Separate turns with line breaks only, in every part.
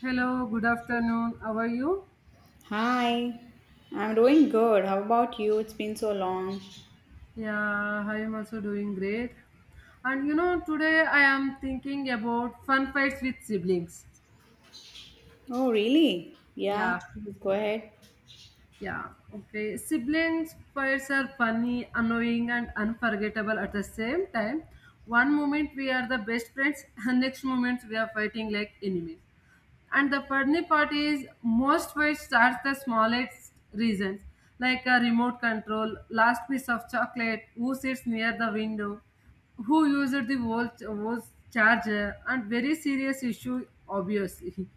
Hello, good afternoon. How are you?
Hi, I'm doing good. How about you? It's been so long.
Yeah, I am also doing great. And you know, today I am thinking about fun fights with siblings.
Oh, really? Yeah,
Yeah,
please go ahead.
yeah, okay. Siblings fights are funny, annoying, and unforgettable at the same time. One moment we are the best friends, and next moment we are fighting like enemies. And the funny part is, most fights starts the smallest reasons, like a remote control, last piece of chocolate, who sits near the window, who used the volt charger, and very serious issue, obviously.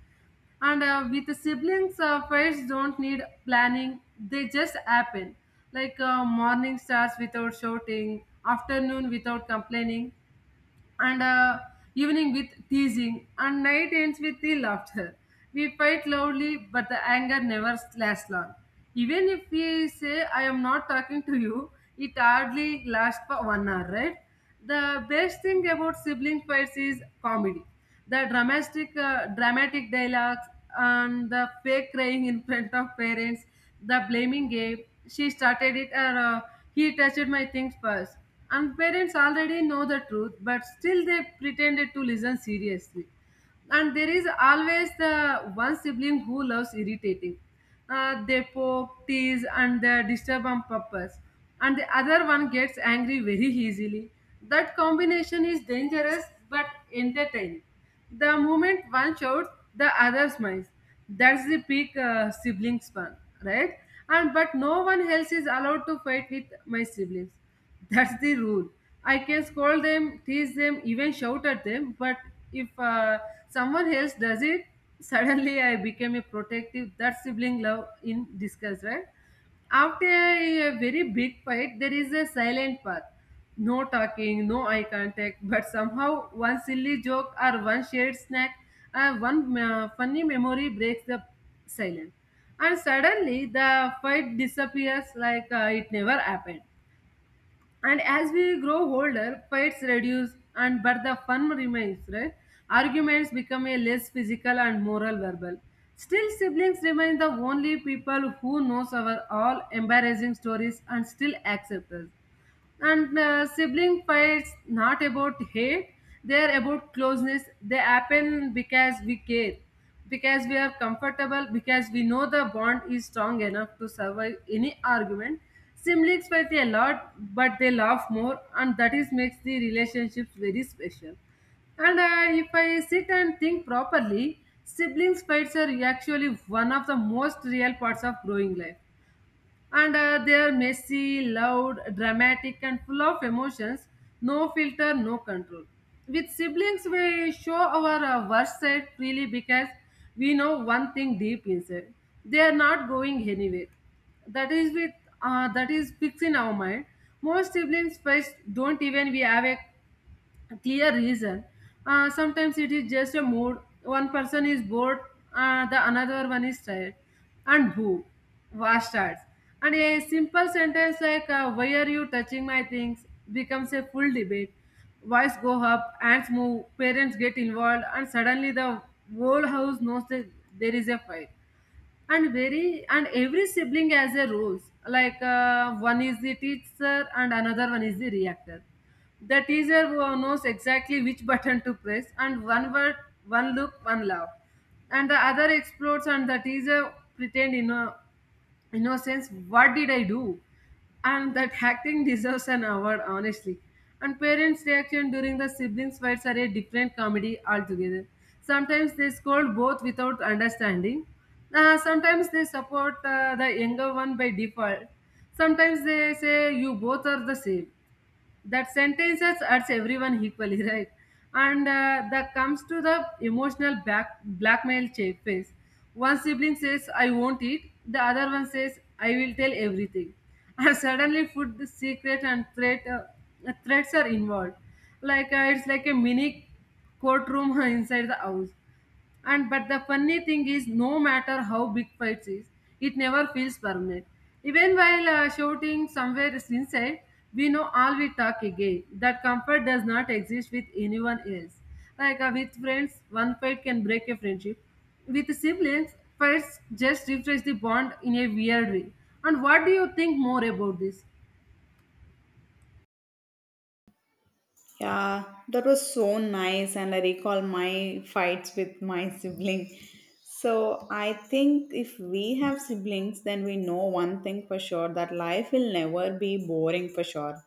And With the siblings, fights don't need planning; they just happen. Like morning starts without shouting, afternoon without complaining, and evening with teasing, and night ends with the laughter. We fight loudly, but the anger never lasts long. Even if we say, I am not talking to you, it hardly lasts for one hour, right? The best thing about sibling fights is comedy. The dramatic dialogues and the fake crying in front of parents the blaming game. She started it, or he touched my things first. And parents already know the truth, but still they pretended to listen seriously. And there is always the one sibling who loves irritating. They poke, tease, and they disturb on purpose. And the other one gets angry very easily. That combination is dangerous but entertaining. The moment one shouts, the other smiles. That's the peak sibling span, right? And but no one else is allowed to fight with my siblings. That's the rule. I can scold them, tease them, even shout at them. But if someone else does it, suddenly I became a protective. That sibling love in disguise, right? After a very big fight, there is a silent path. No talking, no eye contact, but somehow one silly joke or one shared snack, one funny memory breaks the silence. And suddenly the fight disappears like it never happened. And as we grow older, fights reduce, and but the fun remains, right? Arguments become a less physical and moral verbal. Still, siblings remain the only people who knows our all embarrassing stories and still accept us, and sibling fights not about hate, they're about closeness. They happen because we care, because we are comfortable, because we know the bond is strong enough to survive any argument. Siblings fight a lot but they laugh more, and that is makes the relationships very special. And If I sit and think properly, siblings fights are actually one of the most real parts of growing life, and they are messy, loud, dramatic, and full of emotions. No filter, no control. With siblings, we show our worst side freely because we know one thing deep inside: they are not going anywhere. That is with that is fixed in our mind. Most siblings first don't even we have a clear reason. Sometimes it is just a mood. One person is bored, the another one is tired. And who? War starts. And a simple sentence like, Why are you touching my things? Becomes a full debate. Voice go up, ants move, parents get involved, and suddenly the whole house knows that there is a fight. And every sibling has a roles, like one is the teacher and another one is the reactor. The teacher who knows exactly which button to press, and one word, one look, one laugh, and the other explodes. And the teacher pretend, you know, innocence, what did I do? And that acting deserves an award, honestly. And parents reaction during the siblings fights are a different comedy altogether. Sometimes they scold both without understanding. Sometimes they support the younger one by default. Sometimes they say, you both are the same. That sentences hurts everyone equally, right? And uh, that comes to the emotional back blackmail phase. One sibling says I won't eat, the other one says I will tell everything, and suddenly food secret and threat, threats are involved. Like it's like a mini courtroom inside the house. And but the funny thing is, no matter how big fights is, it never feels permanent. Even while shouting, somewhere inside we know all we talk again. That comfort does not exist with anyone else. Like with friends one fight can break a friendship. With siblings, fights just refresh the bond in a weird way. And what do you think more about this?
Yeah, that was so nice, and I recall my fights with my sibling. So, I think if we have siblings, then we know one thing for sure that life will never be boring for sure.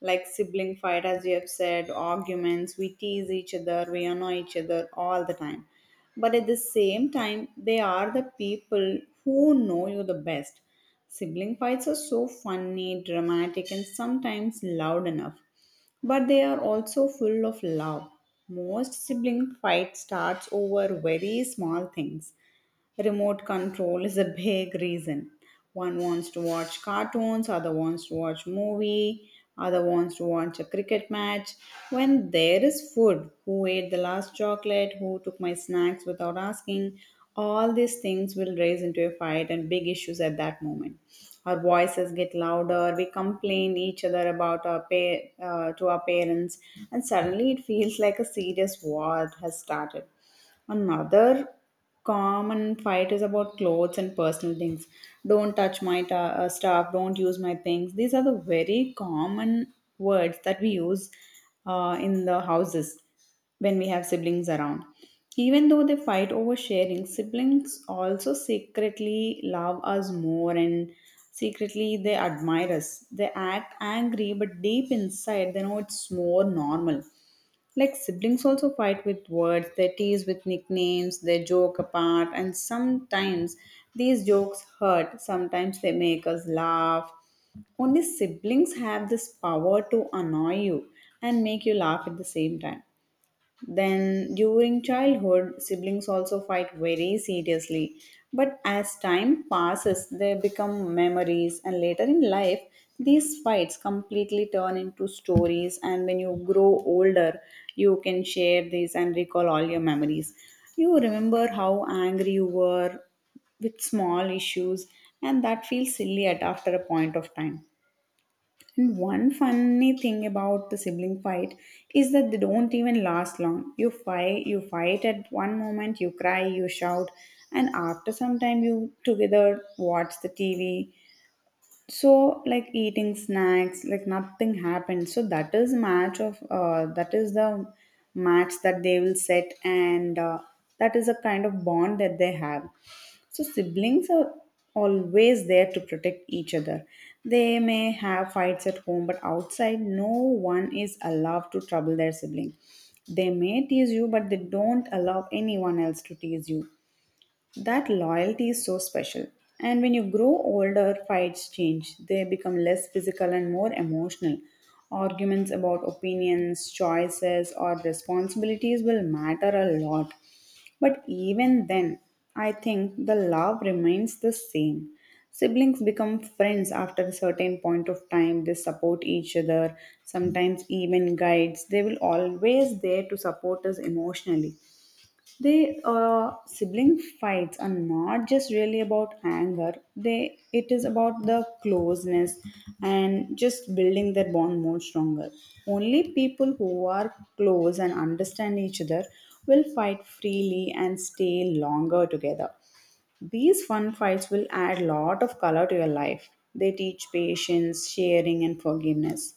Like sibling fight, as you have said, arguments, we tease each other, we annoy each other all the time, but at the same time they are the people who know you the best. Sibling fights are so funny, dramatic, and sometimes loud enough, but they are also full of love. Most sibling fight starts over very small things. Remote control is a big reason. One wants to watch cartoons, other wants to watch movie, other wants to watch a cricket match. When there is food, who ate the last chocolate, who took my snacks without asking, all these things will raise into a fight and big issues at that moment. Our voices get louder. We complain each other about our to our parents, and suddenly it feels like a serious war has started. Another common fight is about clothes and personal things. Don't touch my stuff, don't use my things. These are the very common words that we use in the houses when we have siblings around. Even though they fight over sharing, siblings also secretly love us more and secretly they admire us. They act angry, but deep inside they know it's more normal. Like siblings also fight with words, they tease with nicknames, they joke apart, and sometimes these jokes hurt, sometimes they make us laugh. Only siblings have this power to annoy you and make you laugh at the same time. Then, during childhood, siblings also fight very seriously. But as time passes, they become memories, and later in life, these fights completely turn into stories. And when you grow older, you can share these and recall all your memories. You remember how angry you were with small issues, and that feels silly at after a point of time. And one funny thing about the sibling fight is that they don't even last long. You fight at one moment, you cry, you shout, and after some time you together watch the TV. So like eating snacks, like nothing happened. So that is match of that is the match that they will set, and that is a kind of bond that they have. So, siblings are always there to protect each other. They may have fights at home, but outside, no one is allowed to trouble their sibling. They may tease you, but they don't allow anyone else to tease you. That loyalty is so special. And when you grow older, fights change. They become less physical and more emotional. Arguments about opinions, choices, or responsibilities will matter a lot. But even then, I think the love remains the same. Siblings become friends after a certain point of time. They support each other, sometimes even guides. They will always there to support us emotionally. They sibling fights are not just really about anger. They it is about the closeness and just building their bond more stronger. Only people who are close and understand each other will fight freely and stay longer together. These fun fights will add lot of color to your life. They teach patience, sharing, and forgiveness.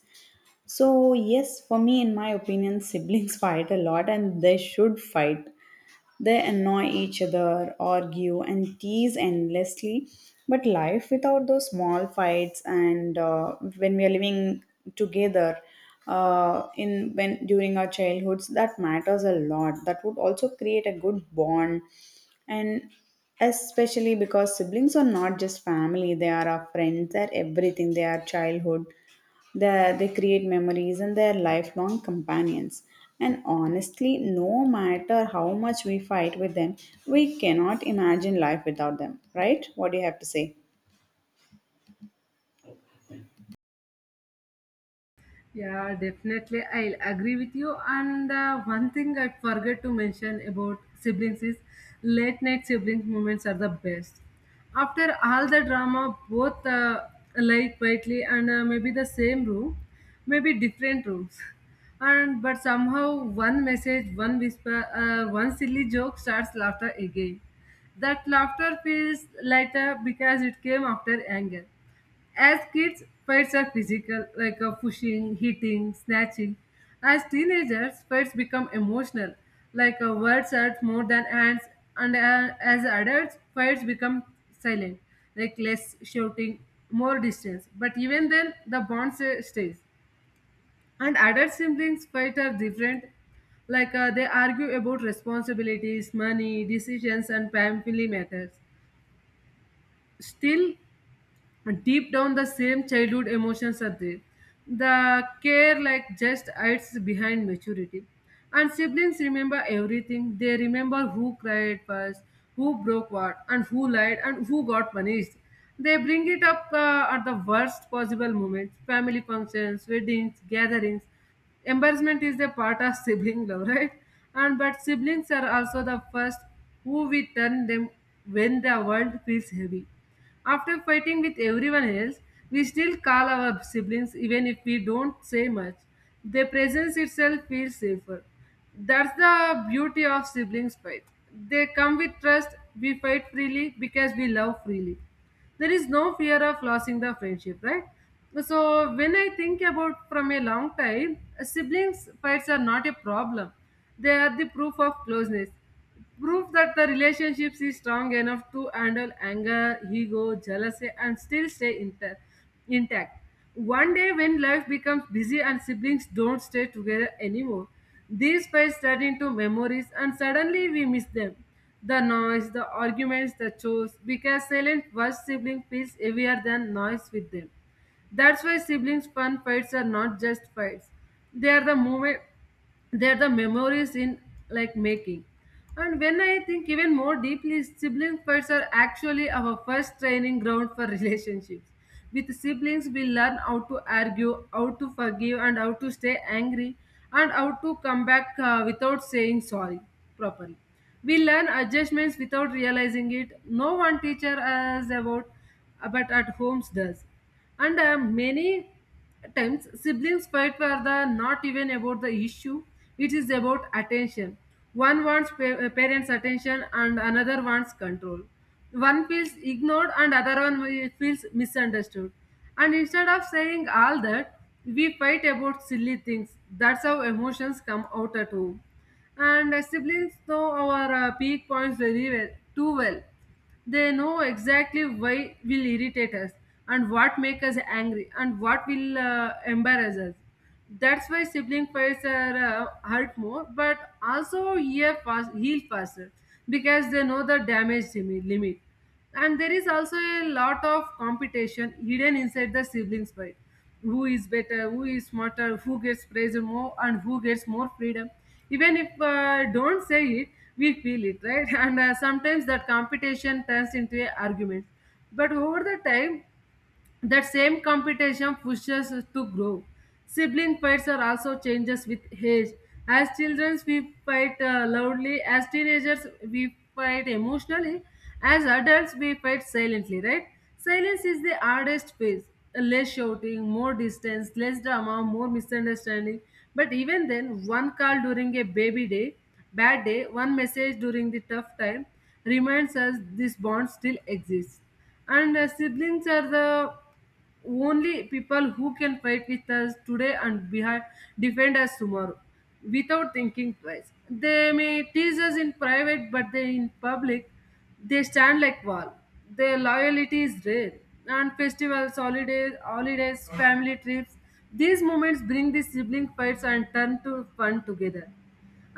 So, yes, for me, in my opinion, siblings fight a lot and they should fight. They annoy each other, argue, and tease endlessly. But life without those small fights, and when we are living together, in when during our childhoods, that matters a lot. That would also create a good bond, and especially because siblings are not just family; they are our friends, they are everything, they are childhood, they create memories and they're lifelong companions. And honestly, no matter how much we fight with them, we cannot imagine life without them, right? What do you have to say?
Yeah, definitely. I'll agree with you. And One thing I forget to mention about siblings is late night siblings moments are the best. After all the drama, both lie quietly and maybe the same room, maybe different rooms. And but somehow one message, one whisper, one silly joke starts laughter again. That laughter feels lighter because it came after anger. As kids, fights are physical, like pushing, hitting, snatching. As teenagers, fights become emotional, like words hurt more than hands. And As adults, fights become silent, like less shouting, more distance. But even then, the stays. And adult siblings' fight are different. Like they argue about responsibilities, money, decisions, and family matters. Still, and deep down the same childhood emotions are there. The care like just hides behind maturity. And siblings remember everything. They remember who cried first, who broke what and who lied and who got punished. They bring it up at the worst possible moments, family functions, weddings, gatherings. Embarrassment is the part of sibling love, right? And but siblings are also the first who we turn them when the world feels heavy. After fighting with everyone else, we still call our siblings even if we don't say much. Their presence itself feels safer. That's the beauty of siblings' fight. They come with trust, we fight freely because we love freely. There is no fear of losing the friendship, right? So when I think about from a long time, siblings fights are not a problem. They are the proof of closeness. Proof that the relationship is strong enough to handle anger, ego, jealousy, and still stay intact. One day, when life becomes busy and siblings don't stay together anymore, these fights turn into memories and suddenly we miss them. The noise, the arguments, the chores, because silent first sibling feels heavier than noise with them. That's why siblings' fun fights are not just fights. They are the moment, they're the memories in like making. And when I think even more deeply, sibling fights are actually our first training ground for relationships. With siblings we learn how to argue, how to forgive, and how to stay angry, and how to come back without saying sorry properly. We learn adjustments without realizing it. No one teacher us about, but at homes does. And Many at times, siblings fight were the not even about the issue, it is about attention. One wants parents' attention and another wants control. One feels ignored and other one feels misunderstood. And instead of saying all that, we fight about silly things. That's how emotions come out at home. And Siblings know our peak points very well, too well. They know exactly why will irritate us and what make us angry and what will embarrass us. That's why sibling fights are hurt more, but also heal faster because they know the limit. And there is also a lot of competition hidden inside the siblings fight. Who is better, who is smarter, who gets praised more, and who gets more freedom. Even if don't say it, we feel it, right? And sometimes that competition turns into a argument. But over the time, that same competition pushes us to grow. Sibling fights are also changes with age. As children, we fight loudly. As teenagers, we fight emotionally. As adults, we fight silently, right? Silence is the hardest phase. Less shouting, more distance, less drama, more misunderstanding. But even then, one call during a bad day, one message during the tough time reminds us this bond still exists. And Siblings are the only people who can fight with us today and behind defend us tomorrow without thinking twice. They may tease us in private but they in public they stand like wall. Their loyalty is rare. And festivals, holidays, family trips, these moments bring the sibling fights and turn to fun together.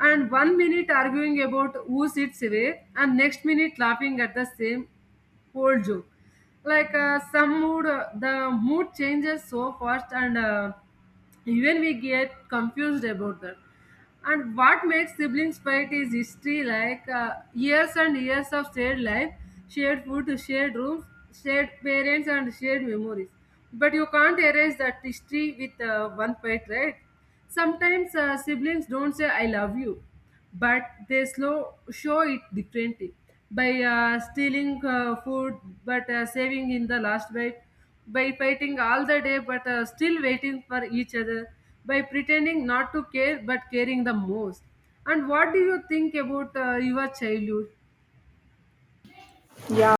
And one minute arguing about who sits where and next minute laughing at the same old joke. Like the mood changes so fast, and even we get confused about that. And what makes siblings fight is history, like years and years of shared life, shared food, shared rooms, shared parents, and shared memories. But you can't erase that history with one fight, right? Sometimes siblings don't say "I love you," but they slow show it differently by stealing food but saving in the last bite, by fighting all the day but still waiting for each other, by pretending not to care but caring the most. And what do you think about your childhood?
Yeah,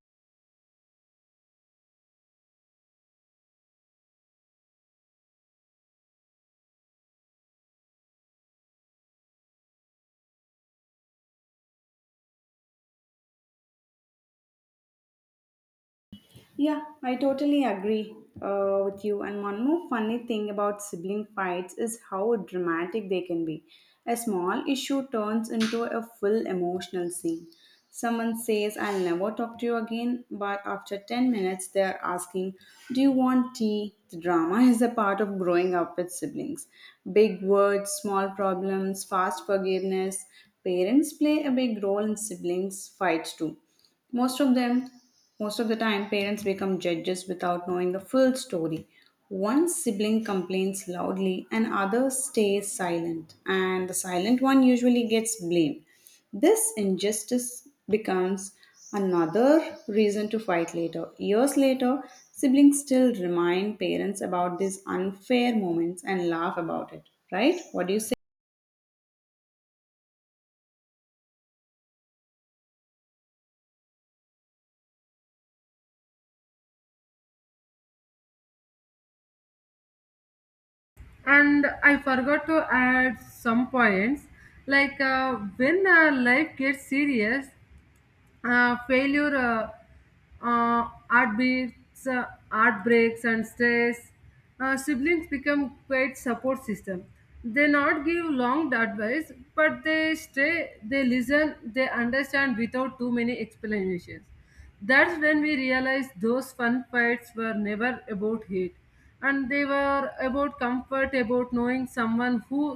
Yeah, I totally agree with you. And one more funny thing about sibling fights is how dramatic they can be. A small issue turns into a full emotional scene. Someone says, I'll never talk to you again, but after 10 minutes, they're asking, Do you want tea? The drama is a part of growing up with siblings. Big words, small problems, fast forgiveness. Parents play a big role in siblings' fights too. Most of them, Most of the time, parents become judges without knowing the full story. One sibling complains loudly, and other stays silent, and the silent one usually gets blamed. This injustice becomes another reason to fight later. Years later, siblings still remind parents about these unfair moments and laugh about it, right? What do you say?
And I forgot to add some points, like when life gets serious, failure, heartbeats, heartbreaks and stress, siblings become quite support system. They not give long advice, but they stay, they listen, they understand without too many explanations. That's when we realized those fun fights were never about hate, and they were about comfort, about knowing someone who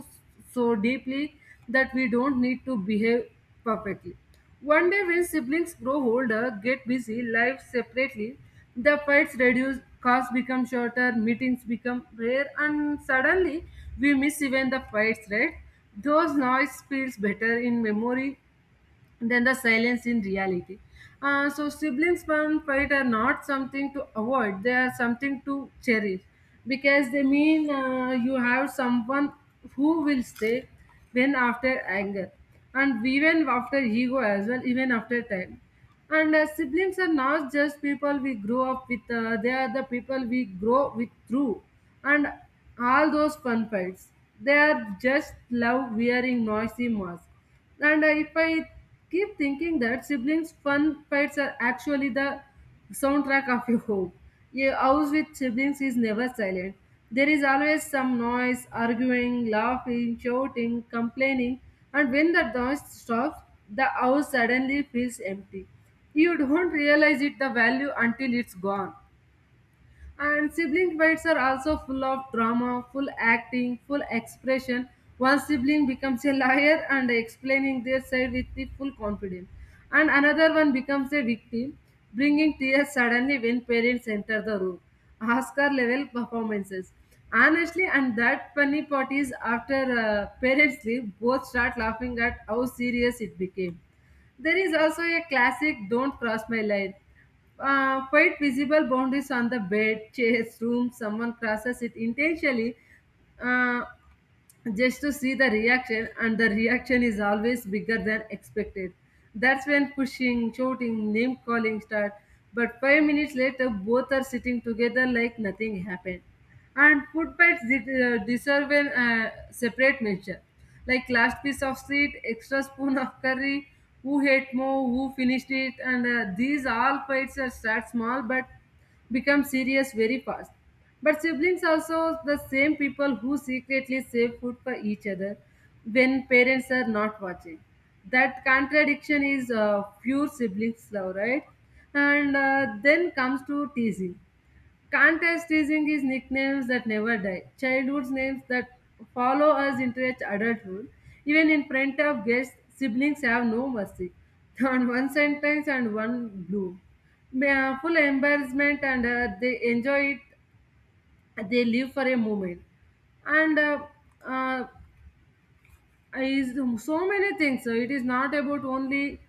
so deeply that we don't need to behave perfectly. One day, when siblings grow older, get busy, live separately, the fights reduce, cars become shorter, meetings become rare, and suddenly we miss even the fights, right? Those noise feels better in memory than the silence in reality. So siblings fun fight are not something to avoid; they are something to cherish because they mean you have someone who will stay when after anger, and even after ego as well, even after time. And siblings are not just people we grow up with; they are the people we grow with through, and all those fun fights. They are just love wearing noisy masks. And if I keep thinking that siblings fun fights are actually the soundtrack of your home. A house with siblings is never silent. There is always some noise, arguing, laughing, shouting, complaining. And when that noise stops, the house suddenly feels empty. You don't realize it the value until it's gone. And sibling fights are also full of drama, full acting, full expression. One sibling becomes a liar and explaining their side with the full confidence, and another one becomes a victim, bringing tears suddenly when parents enter the room. Oscar level performances. Honestly, and that funny part is after parents leave, both start laughing at how serious it became. There is also a classic "Don't Cross My Line," quite visible boundaries on the bed, chairs, room. Someone crosses it intentionally. Uh, just to see the reaction, and the reaction is always bigger than expected. That's when pushing, shouting, name calling start, but 5 minutes later both are sitting together like nothing happened. And food bites deserve a separate mention, like last piece of sweet, extra spoon of curry, who ate more, who finished it. And these all fights are start small but become serious very fast. But siblings also the same people who secretly save food for each other when parents are not watching. That contradiction is pure siblings love, right? And then comes to teasing. Contest teasing is nicknames that never die. Childhood names that follow us into its adulthood. Even in front of guests, siblings have no mercy. On one sentence and one blow. Full embarrassment, and they enjoy it, they live for a moment. And uh, is so many things, so it is not about only,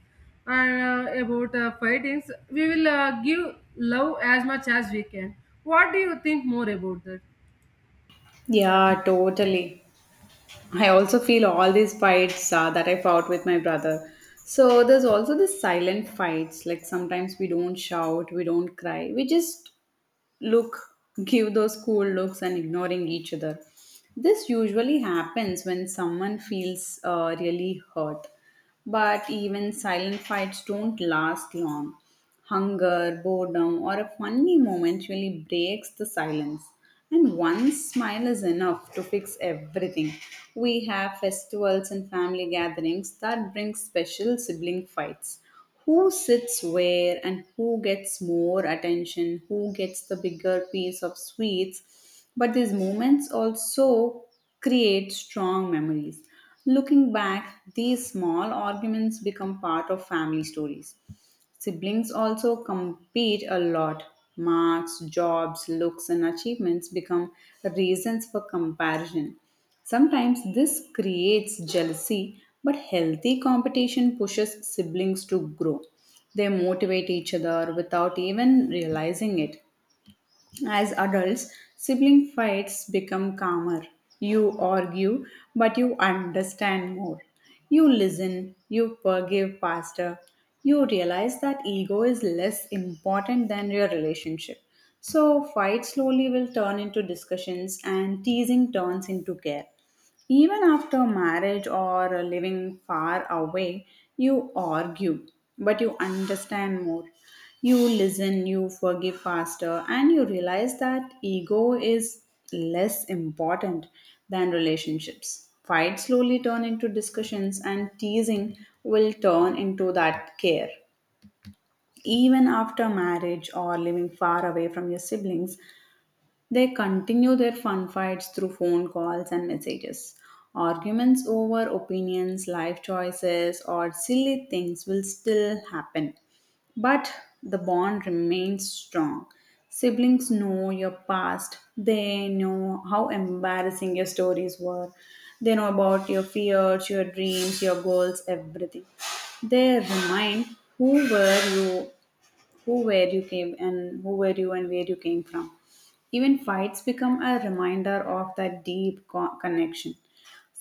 about fightings. We will give love as much as we can. What do you think more about that?
Yeah, totally. I also feel all these fights that I fought with my brother. So there's also the silent fights. Like sometimes we don't shout, we don't cry, we just look, give those cool looks, and ignoring each other. This usually happens when someone feels really hurt. But even silent fights don't last long. Hunger, boredom, or a funny moment really breaks the silence. And one smile is enough to fix everything. We have festivals and family gatherings that bring special sibling fights. Who sits where and who gets more attention, who gets the bigger piece of sweets. But these moments also create strong memories. Looking back, these small arguments become part of family stories. Siblings also compete a lot. Marks, jobs, looks, and achievements become reasons for comparison. Sometimes this creates jealousy, but healthy competition pushes siblings to grow. They motivate each other without even realizing it. As adults, sibling fights become calmer. You argue, but you understand more. You listen, you forgive faster. You realize that ego is less important than your relationship. So, fights slowly will turn into discussions, and teasing turns into care. Even after marriage or living far away, you argue, but you understand more. You listen, you forgive faster, and you realize that ego is less important than relationships. Fights slowly turn into discussions, and teasing will turn into that care. Even after marriage or living far away from your siblings, they continue their fun fights through phone calls and messages. Arguments over opinions, life choices, or silly things will still happen, but the bond remains strong. Siblings know your past, they know how embarrassing your stories were, they know about your fears, your dreams, your goals, everything. They remind who were you, who where you came, and who were you and where you came from. Even fights become a reminder of that deep connection.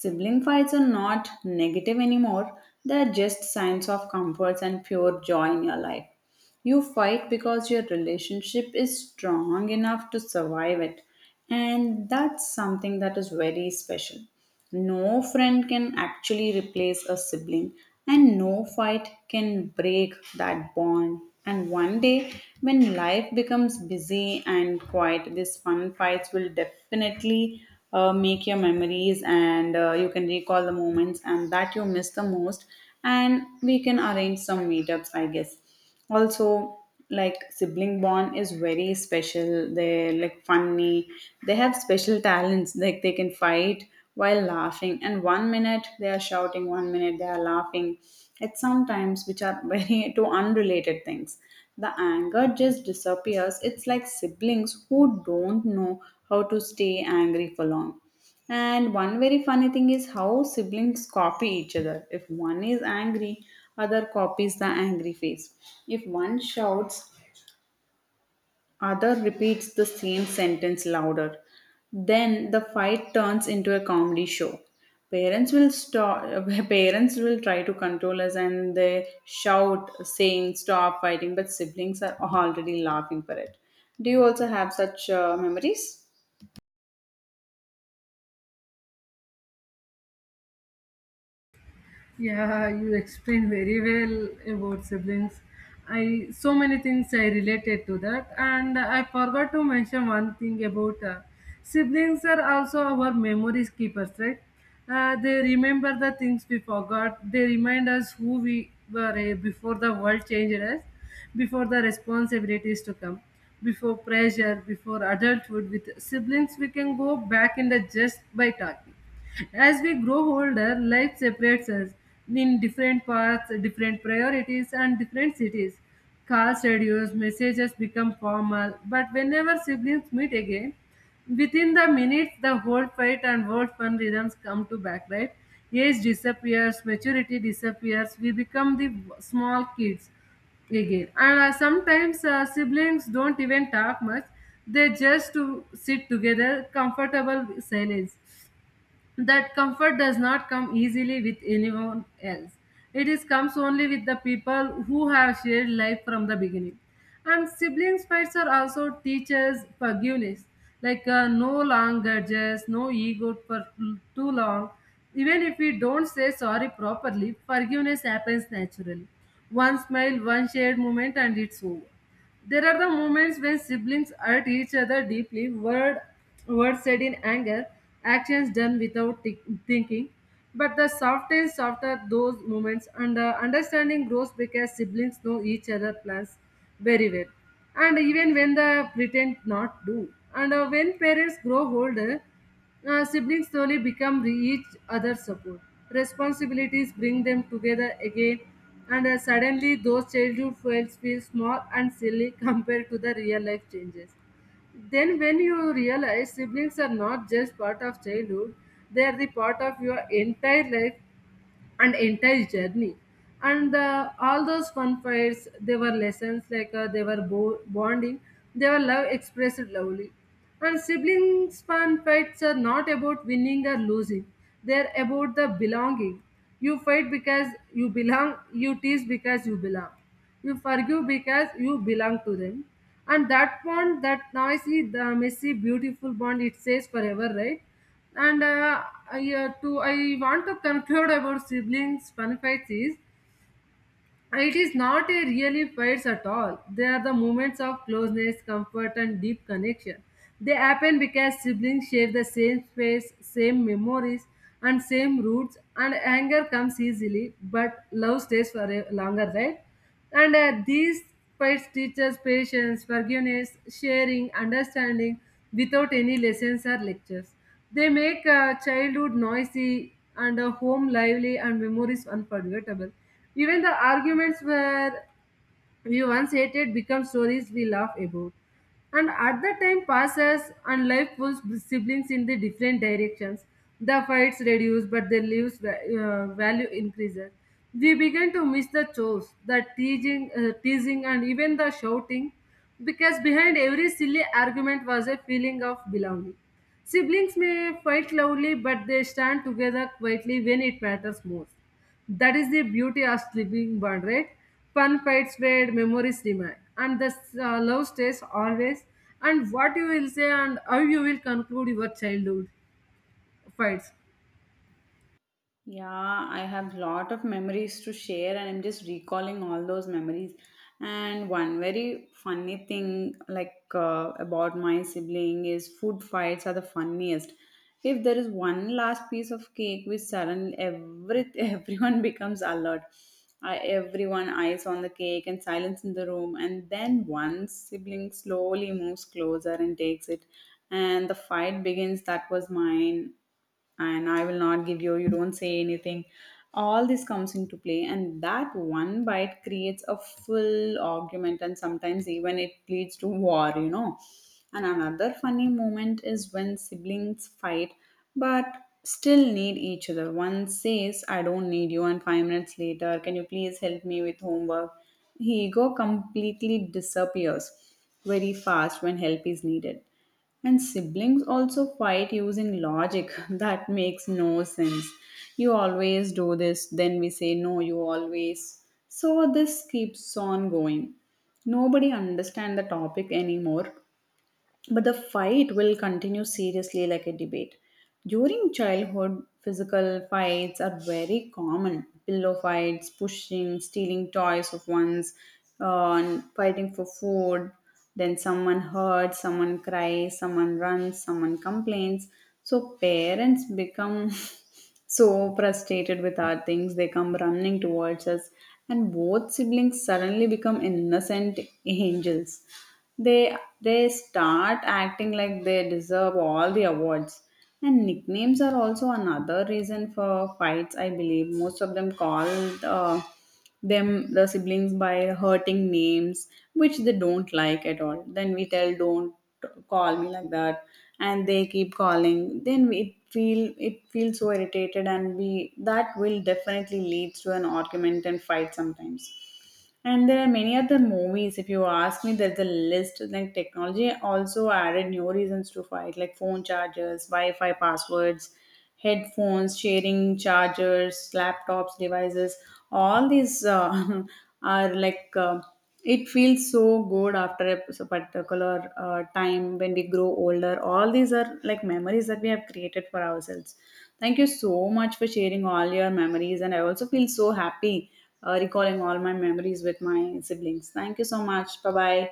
Sibling fights are not negative anymore, they're just signs of comforts and pure joy in your life. You fight because your relationship is strong enough to survive it. And that's something that is very special. No friend can actually replace a sibling, and no fight can break that bond. And one day, when life becomes busy and quiet, these fun fights will definitely make your memories, and you can recall the moments and that you miss the most. And we can arrange some meetups, I guess, also. Like sibling bond is very special, they're like funny, they have special talents like they can fight while laughing, and one minute they are shouting, one minute they are laughing at sometimes, which are very two unrelated things. The anger just disappears. It's like siblings who don't know how to stay angry for long. And one very funny thing is how siblings copy each other. If one is angry, other copies the angry face. If one shouts, other repeats the same sentence louder. Then the fight turns into a comedy show. Parents will stop. Parents will try to control us, and they shout, saying "Stop fighting!" But siblings are already laughing for it. Do you also have such memories?
Yeah, you explained very well about siblings. I so many things I related to that, and I forgot to mention one thing about siblings are also our memories keepers, right? They remember the things we forgot. They remind us who we were before the world changed us, before the responsibilities to come, before pressure, before adulthood. With siblings, we can go back in the just by talking. As we grow older, life separates us in different paths, different priorities, and different cities. Calls reduce, messages become formal, but whenever siblings meet again, within the minutes, the whole fight and whole fun rhythms come to back, right? Age disappears, maturity disappears, we become the small kids again. And sometimes siblings don't even talk much, they just to sit together, comfortable silence. That comfort does not come easily with anyone else. It is comes only with the people who have shared life from the beginning. And siblings fights are also teachers forgiveness, like no long grudges, no ego for too long. Even if we don't say sorry properly, forgiveness happens naturally. One smile, one shared moment, and it's over. There are the moments when siblings hurt each other deeply, words said in anger, actions done without thinking. But the softens after those moments, and the understanding grows because siblings know each other plans very well. And even when they pretend not to. And when parents grow older, siblings slowly become each other's support. Responsibilities bring them together again, and suddenly those childhood fails feel small and silly compared to the real life changes. Then, when you realize siblings are not just part of childhood, they are the part of your entire life, and entire journey, and all those fun fights, they were lessons, like they were bonding, they were love expressed lovely. And siblings fun fights are not about winning or losing, they're about the belonging. You fight because you belong, you tease because you belong, you forgive because you belong to them. And that bond, that noisy, the messy, beautiful bond, it stays forever, right? And uh, I want to conclude about siblings' fun fights is it is not a really fights at all. They are the moments of closeness, comfort, and deep connection. They happen because siblings share the same space, same memories, and same roots, and anger comes easily, but love stays for longer, right? And these fights teach us patience, forgiveness, sharing, understanding without any lessons or lectures. They make childhood noisy and a home lively and memories unforgettable. Even the arguments were we once hated become stories we laugh about. And at the time passes and life pulls siblings in the different directions. The fights reduce, but the lives value increases. We began to miss the chores, the teasing, and even the shouting, because behind every silly argument was a feeling of belonging. Siblings may fight loudly, but they stand together quietly when it matters most. That is the beauty of sleeping bond, right? Fun fights where memories remain, and the love stays always. And what you will say and how you will conclude your childhood fights.
Yeah, I have lot of memories to share, and I'm just recalling all those memories. And one very funny thing, about my sibling, is food fights are the funniest. If there is one last piece of cake, we suddenly every everyone becomes alert. I, everyone eyes on the cake and silence in the room, and then one sibling slowly moves closer and takes it, and the fight begins. That was mine and I will not give you, you don't say anything. All this comes into play, and that one bite creates a full argument, and sometimes even it leads to war, you know. And another funny moment is when siblings fight but still need each other. One says, I don't need you, and five minutes later, can you please help me with homework? Ego completely disappears very fast when help is needed. And siblings also fight using logic that makes no sense. You always do this, then we say, No, you always. So this keeps on going. Nobody understands the topic anymore. But the fight will continue seriously like a debate. During childhood, physical fights are very common. Pillow fights, pushing, stealing toys of one's, and fighting for food. Then someone hurts, someone cries, someone runs, someone complains. So parents become so frustrated with our things, they come running towards us, and both siblings suddenly become innocent angels, they start acting like they deserve all the awards. And nicknames are also another reason for fights, I believe. Most of them call uh, the siblings by hurting names, which they don't like at all. Then we tell, don't call me like that, and they keep calling. Then we feel it feels so irritated, and we that will definitely leads to an argument and fight sometimes. And there are many other movies. If you ask me, there's a list. Like technology also added new reasons to fight, like phone chargers, Wi-Fi passwords, headphones, sharing chargers, laptops, devices. All these are it feels so good after a particular time when we grow older. All these are like memories that we have created for ourselves. Thank you so much for sharing all your memories, and I also feel so happy recalling all my memories with my siblings. Thank you so much. Bye bye.